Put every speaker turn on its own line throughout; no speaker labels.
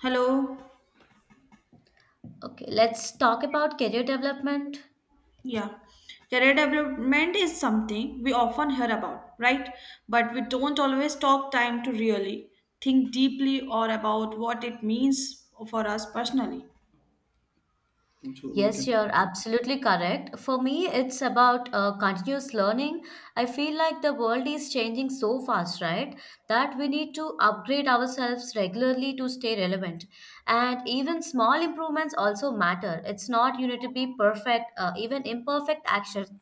Hello.
Okay, let's talk about career development.
Yeah. Career development is something we often hear about, right? But we don't always take time to really think deeply or about what it means for us personally. पूछो वो क्या.
Yes, you're absolutely correct. For me, it's about continuous learning. I feel like the world is changing so fast, right? That we need to upgrade ourselves regularly to stay relevant. And even small improvements also matter. It's not you need to be perfect, even imperfect actions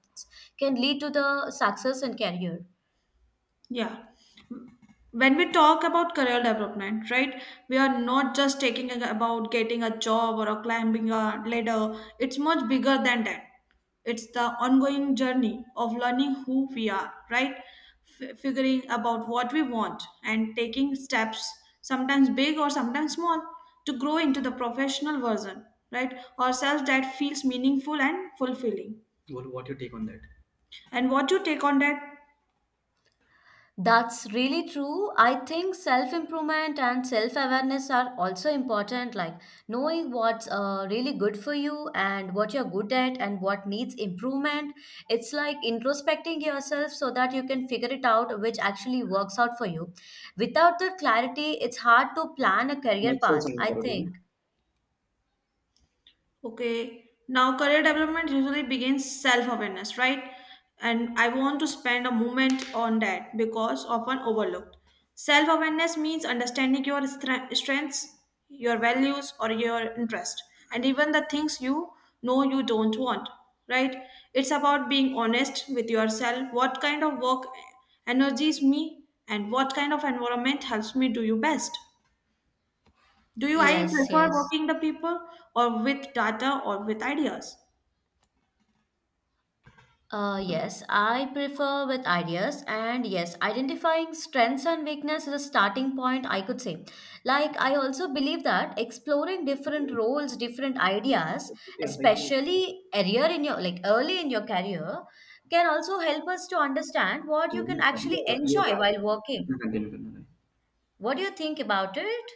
can lead to the success in career.
Yeah. When we talk about career development, right, we are not just about getting a job or a climbing a ladder. It's much bigger than that. It's the ongoing journey of learning who we are, right? Figuring about what we want and taking steps, sometimes big or sometimes small, to grow into the professional version, right? Ourselves that feels meaningful and fulfilling. What your take on that? And what you take on that?
That's really true. I think self improvement and self awareness are also important, like knowing what's really good for you and what you're good at and what needs improvement. It's like introspecting yourself so that you can figure it out which actually works out for you. Without the clarity, it's hard to plan a career
Natural
path, I
sound.
think.
Okay, now career development usually begins self awareness, right? And I want to spend a moment on that because often overlooked. Self awareness means understanding your strengths, your values, or your interest, and even the things you know you don't want, right? It's about being honest with yourself what kind of work energies me and what kind of environment helps me do you best. Do you I
Yes,
prefer
yes.
working the people or with data or with ideas?
Uh,
चलो
yes, I prefer with ideas, and yes, identifying strengths and weakness is a starting point, I could say. Like, I also believe that exploring
ये
different roles, different ideas,
ऐसा ही
especially earlier in your like early in your career, can also help us to understand what you can actually
तो you are
enjoy while
right अपना
working.
Continue करना है.
What do you think about it?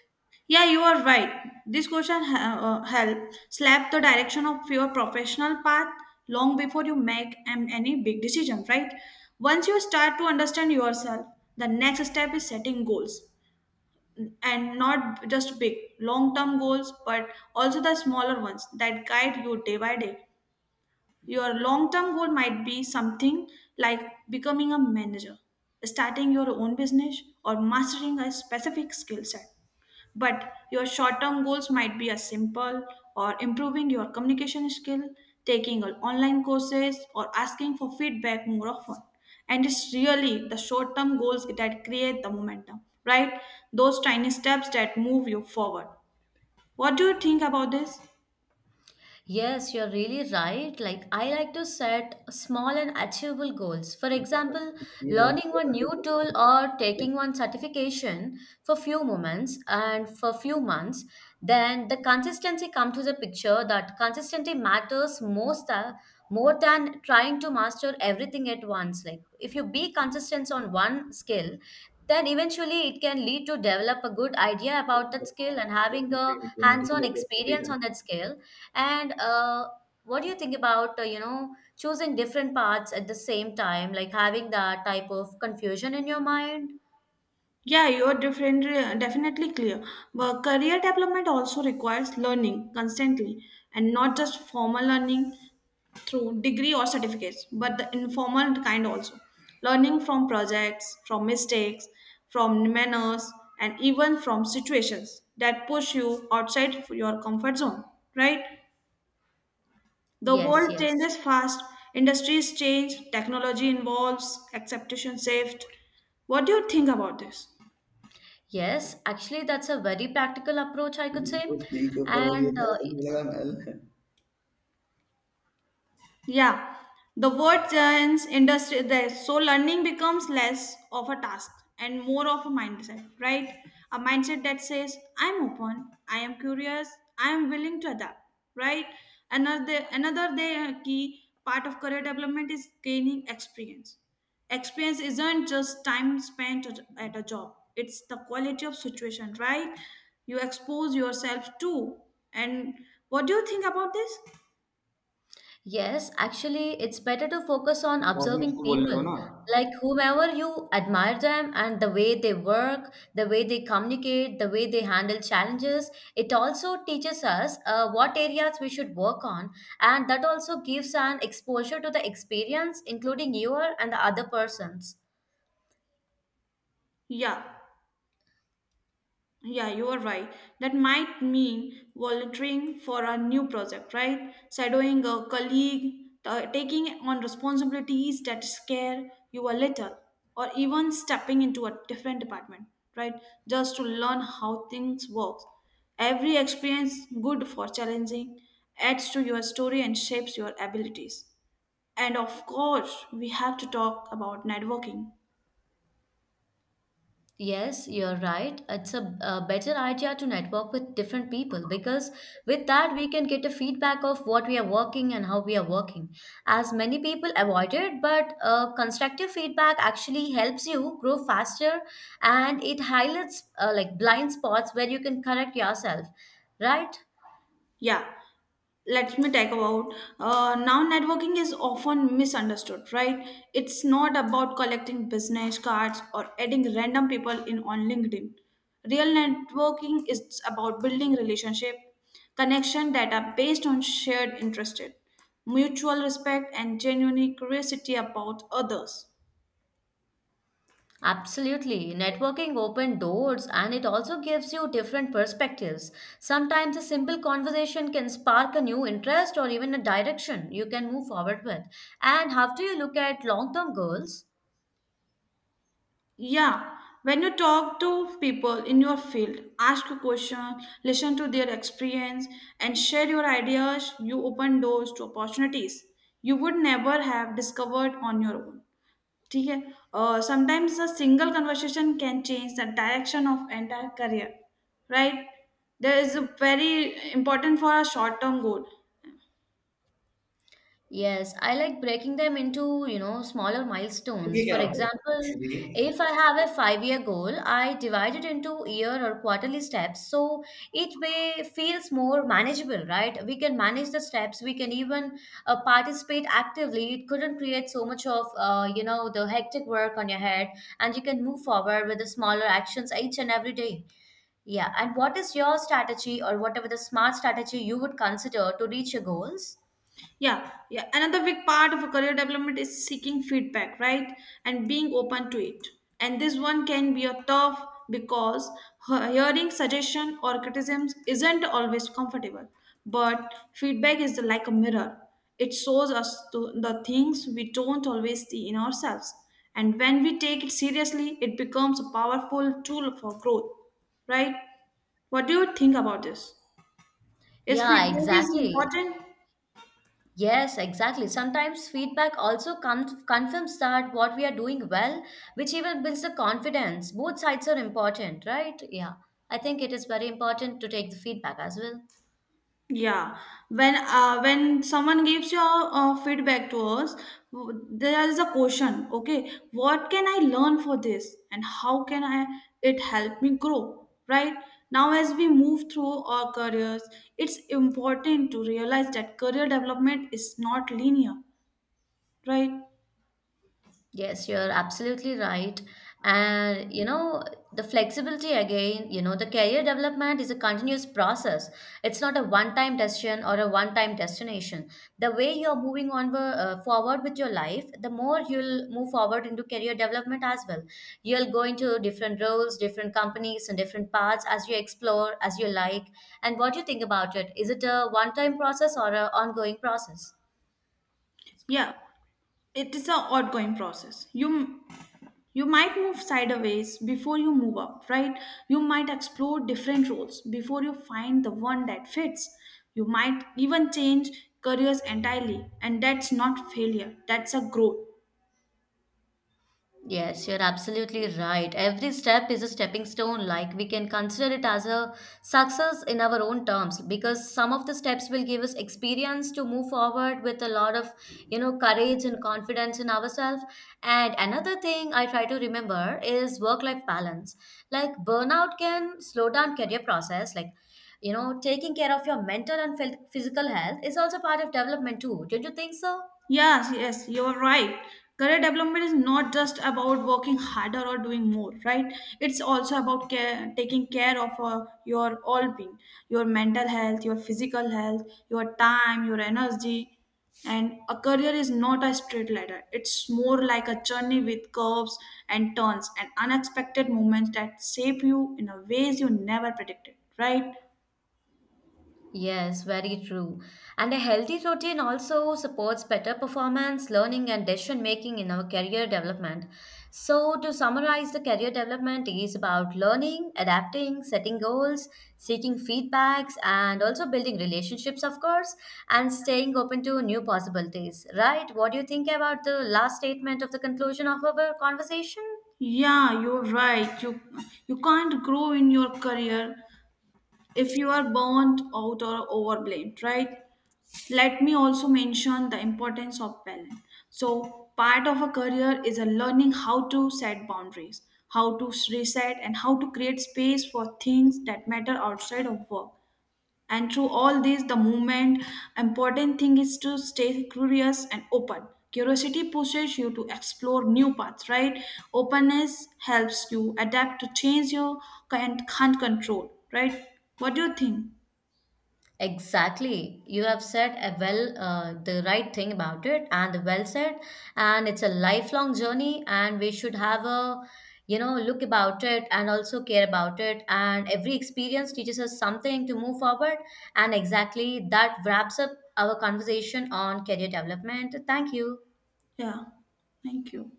Yeah, you are right. This question ha- Help slap the direction of your professional path long before you make any big decision, right? Once you start to understand yourself, the next step is setting goals, and not just big long term goals but also the smaller ones that guide you day by day. Your long term goal might be something like becoming a manager, starting your own business, or mastering a specific skill set. But your short term goals might be as simple or improving your communication skill, taking on online courses, or asking for feedback more often. And it's really the short term goals that create the momentum, right? Those tiny steps that move you forward. What do you think about this?
Yes, you're really right. Like, I like to set small and achievable goals. For example, learning one new tool or taking one certification for few moments and for few months. Then the consistency comes to the picture that consistency matters most more than trying to master everything at once. Like, if you be consistent on one skill, then eventually it can lead to develop a good idea about that skill and having a hands-on experience
Right.
on that skill and what do you think about, you know, choosing different paths at the same time, like having that type of confusion in your mind?
Yeah, you're different, definitely clear. But career development also requires learning constantly, and not just formal learning through degree or certificates, but the informal kind also. Learning from projects, from mistakes, from manners, and even from situations that push you outside your comfort zone, right? The
Yes,
world
yes.
changes fast, industries change, technology evolves, acceptation shift. What do you think about this?
Yes, actually, that's a very practical approach, I could say.
तो ठीक है पर ये
And
सारा तुम लगा महल. Yeah, the word turns industry there. So learning becomes less of a task and more of a mindset, right? A mindset that says, I'm open, I am curious, I am willing to adapt, right? Another day key part of career development is gaining experience. Experience isn't just time spent at a job. It's the quality of situation, right? You expose yourself to. And what do you think about this?
Yes, actually, it's better to focus on
cosmos
observing
को बोलने दो
people,
ना.
like whomever you admire them and the way they work, the way they communicate, the way they handle challenges. It also teaches us what areas we should work on, and that also gives an exposure to the experience, including your and the other person's.
Yeah, yeah, you are right. That might mean volunteering for a new project, right? Shadowing a colleague, taking on responsibilities that scare you a little, or even stepping into a different department, right? Just to learn how things work. Every experience good for challenging adds to your story and shapes your abilities. And of course, we have to talk about networking.
Yes, you're right. It's a better idea to network with different people because with that we can get a feedback of what we are working and how we are working. As many people avoid it, but constructive feedback actually helps you grow faster and it highlights like blind spots where you can correct yourself, right?
Yeah, let me talk about now networking is often misunderstood, right? It's not about collecting business cards or adding random people in on LinkedIn. Real networking is about building relationship, connection that are based on shared interest, mutual respect, and genuine curiosity about others.
Absolutely. Networking open doors and it also gives you different perspectives. Sometimes a simple conversation can spark a new interest or even a direction you can move forward with. And how do you look at long term goals?
Yeah, when you talk to people in your field, ask a question, listen to their experience, and share your ideas, you open doors to opportunities you would never have discovered on your own. ठीक है. Sometimes a single conversation can change the direction of entire career, right? There is a very important for a short term goal.
Yes, I like breaking them into, you know, smaller
ठीक
milestones.
है
For
क्या होता
example,
है जी।
if I have a five-year goal, I divide it into year or quarterly steps. So each way feels more manageable, right? We can manage the steps. We can even participate actively. It couldn't create so much of, you know, the hectic work on your head, and you can move forward with the smaller actions each and every day. Yeah. And what is your strategy or whatever the smart strategy you would consider to reach your goals?
Yeah, yeah. Another big part of a career development is seeking feedback, right? And being open to it. And this one can be a tough because hearing suggestion or criticisms isn't always comfortable. But feedback is like a mirror. It shows us the things we don't always see in ourselves. And when we take it seriously, it becomes a powerful tool for growth, right? What do you think about this? Is
Yeah,
feedback is
exactly.
important?
Yes, exactly. Sometimes feedback also confirms that what we are doing well, which even builds the confidence. Both sides are important, right? Yeah. I think it is very important to take the feedback as well.
Yeah, when someone gives your feedback to us, there is a question. Okay, what can I learn for this, and how can I it help me grow? Right now, as we move through our careers, it's important to realize that career development is not linear. Right?
Yes, you're absolutely right. And you know, the flexibility again, you know, the career development is a continuous process. It's not a one-time decision or a one-time destination. The way you're moving on forward with your life, the more you'll move forward into career development as well. You'll go into different roles, different companies, and different paths as you explore, as you like. And what do you think about it? Is it a one-time process or an ongoing process?
Yeah, it is an ongoing process. You might move sideways before you move up, right? You might explore different roles before you find the one that fits. You might even change careers entirely, and that's not failure, that's a growth.
Yes, you're absolutely right. Every step is a stepping stone. Like we can consider it as a success in our own terms because some of the steps will give us experience to move forward with a lot of, you know, courage and confidence in ourselves. And another thing I try to remember is work-life balance. Like burnout can slow down career process. Like, you know, taking care of your mental and physical health is also part of development too. Don't you think so?
Yes, yes, you're right. Career development is not just about working harder or doing more, right? It's also about care, taking care of your all being, your mental health, your physical health, your time, your energy. And a career is not a straight ladder. It's more like a journey with curves and turns and unexpected moments that shape you in a ways you never predicted, right?
Yes, very true. And a healthy routine also supports better performance, learning, and decision making in our career development. So, to summarize, the career development is about learning, adapting, setting goals, seeking feedbacks, and also building relationships, of course, and staying open to new possibilities. Right? What do you think about the last statement of the conclusion of our conversation?
Yeah, you're right. You can't grow in your career if you are burnt out or overblamed, right? Let me also mention the importance of balance. So, part of a career is a learning how to set boundaries, how to reset, and how to create space for things that matter outside of work. And through all this the movement, important thing is to stay curious and open. Curiosity pushes you to explore new paths, right? Openness helps you adapt to change you and can't control, right? What do you think?
Exactly. You have said a the right thing about it and well said and it's a lifelong journey and we should have a you know look about it and also care about it and every experience teaches us something to move forward and exactly that wraps up our conversation on career development. Thank you.
Yeah, thank you.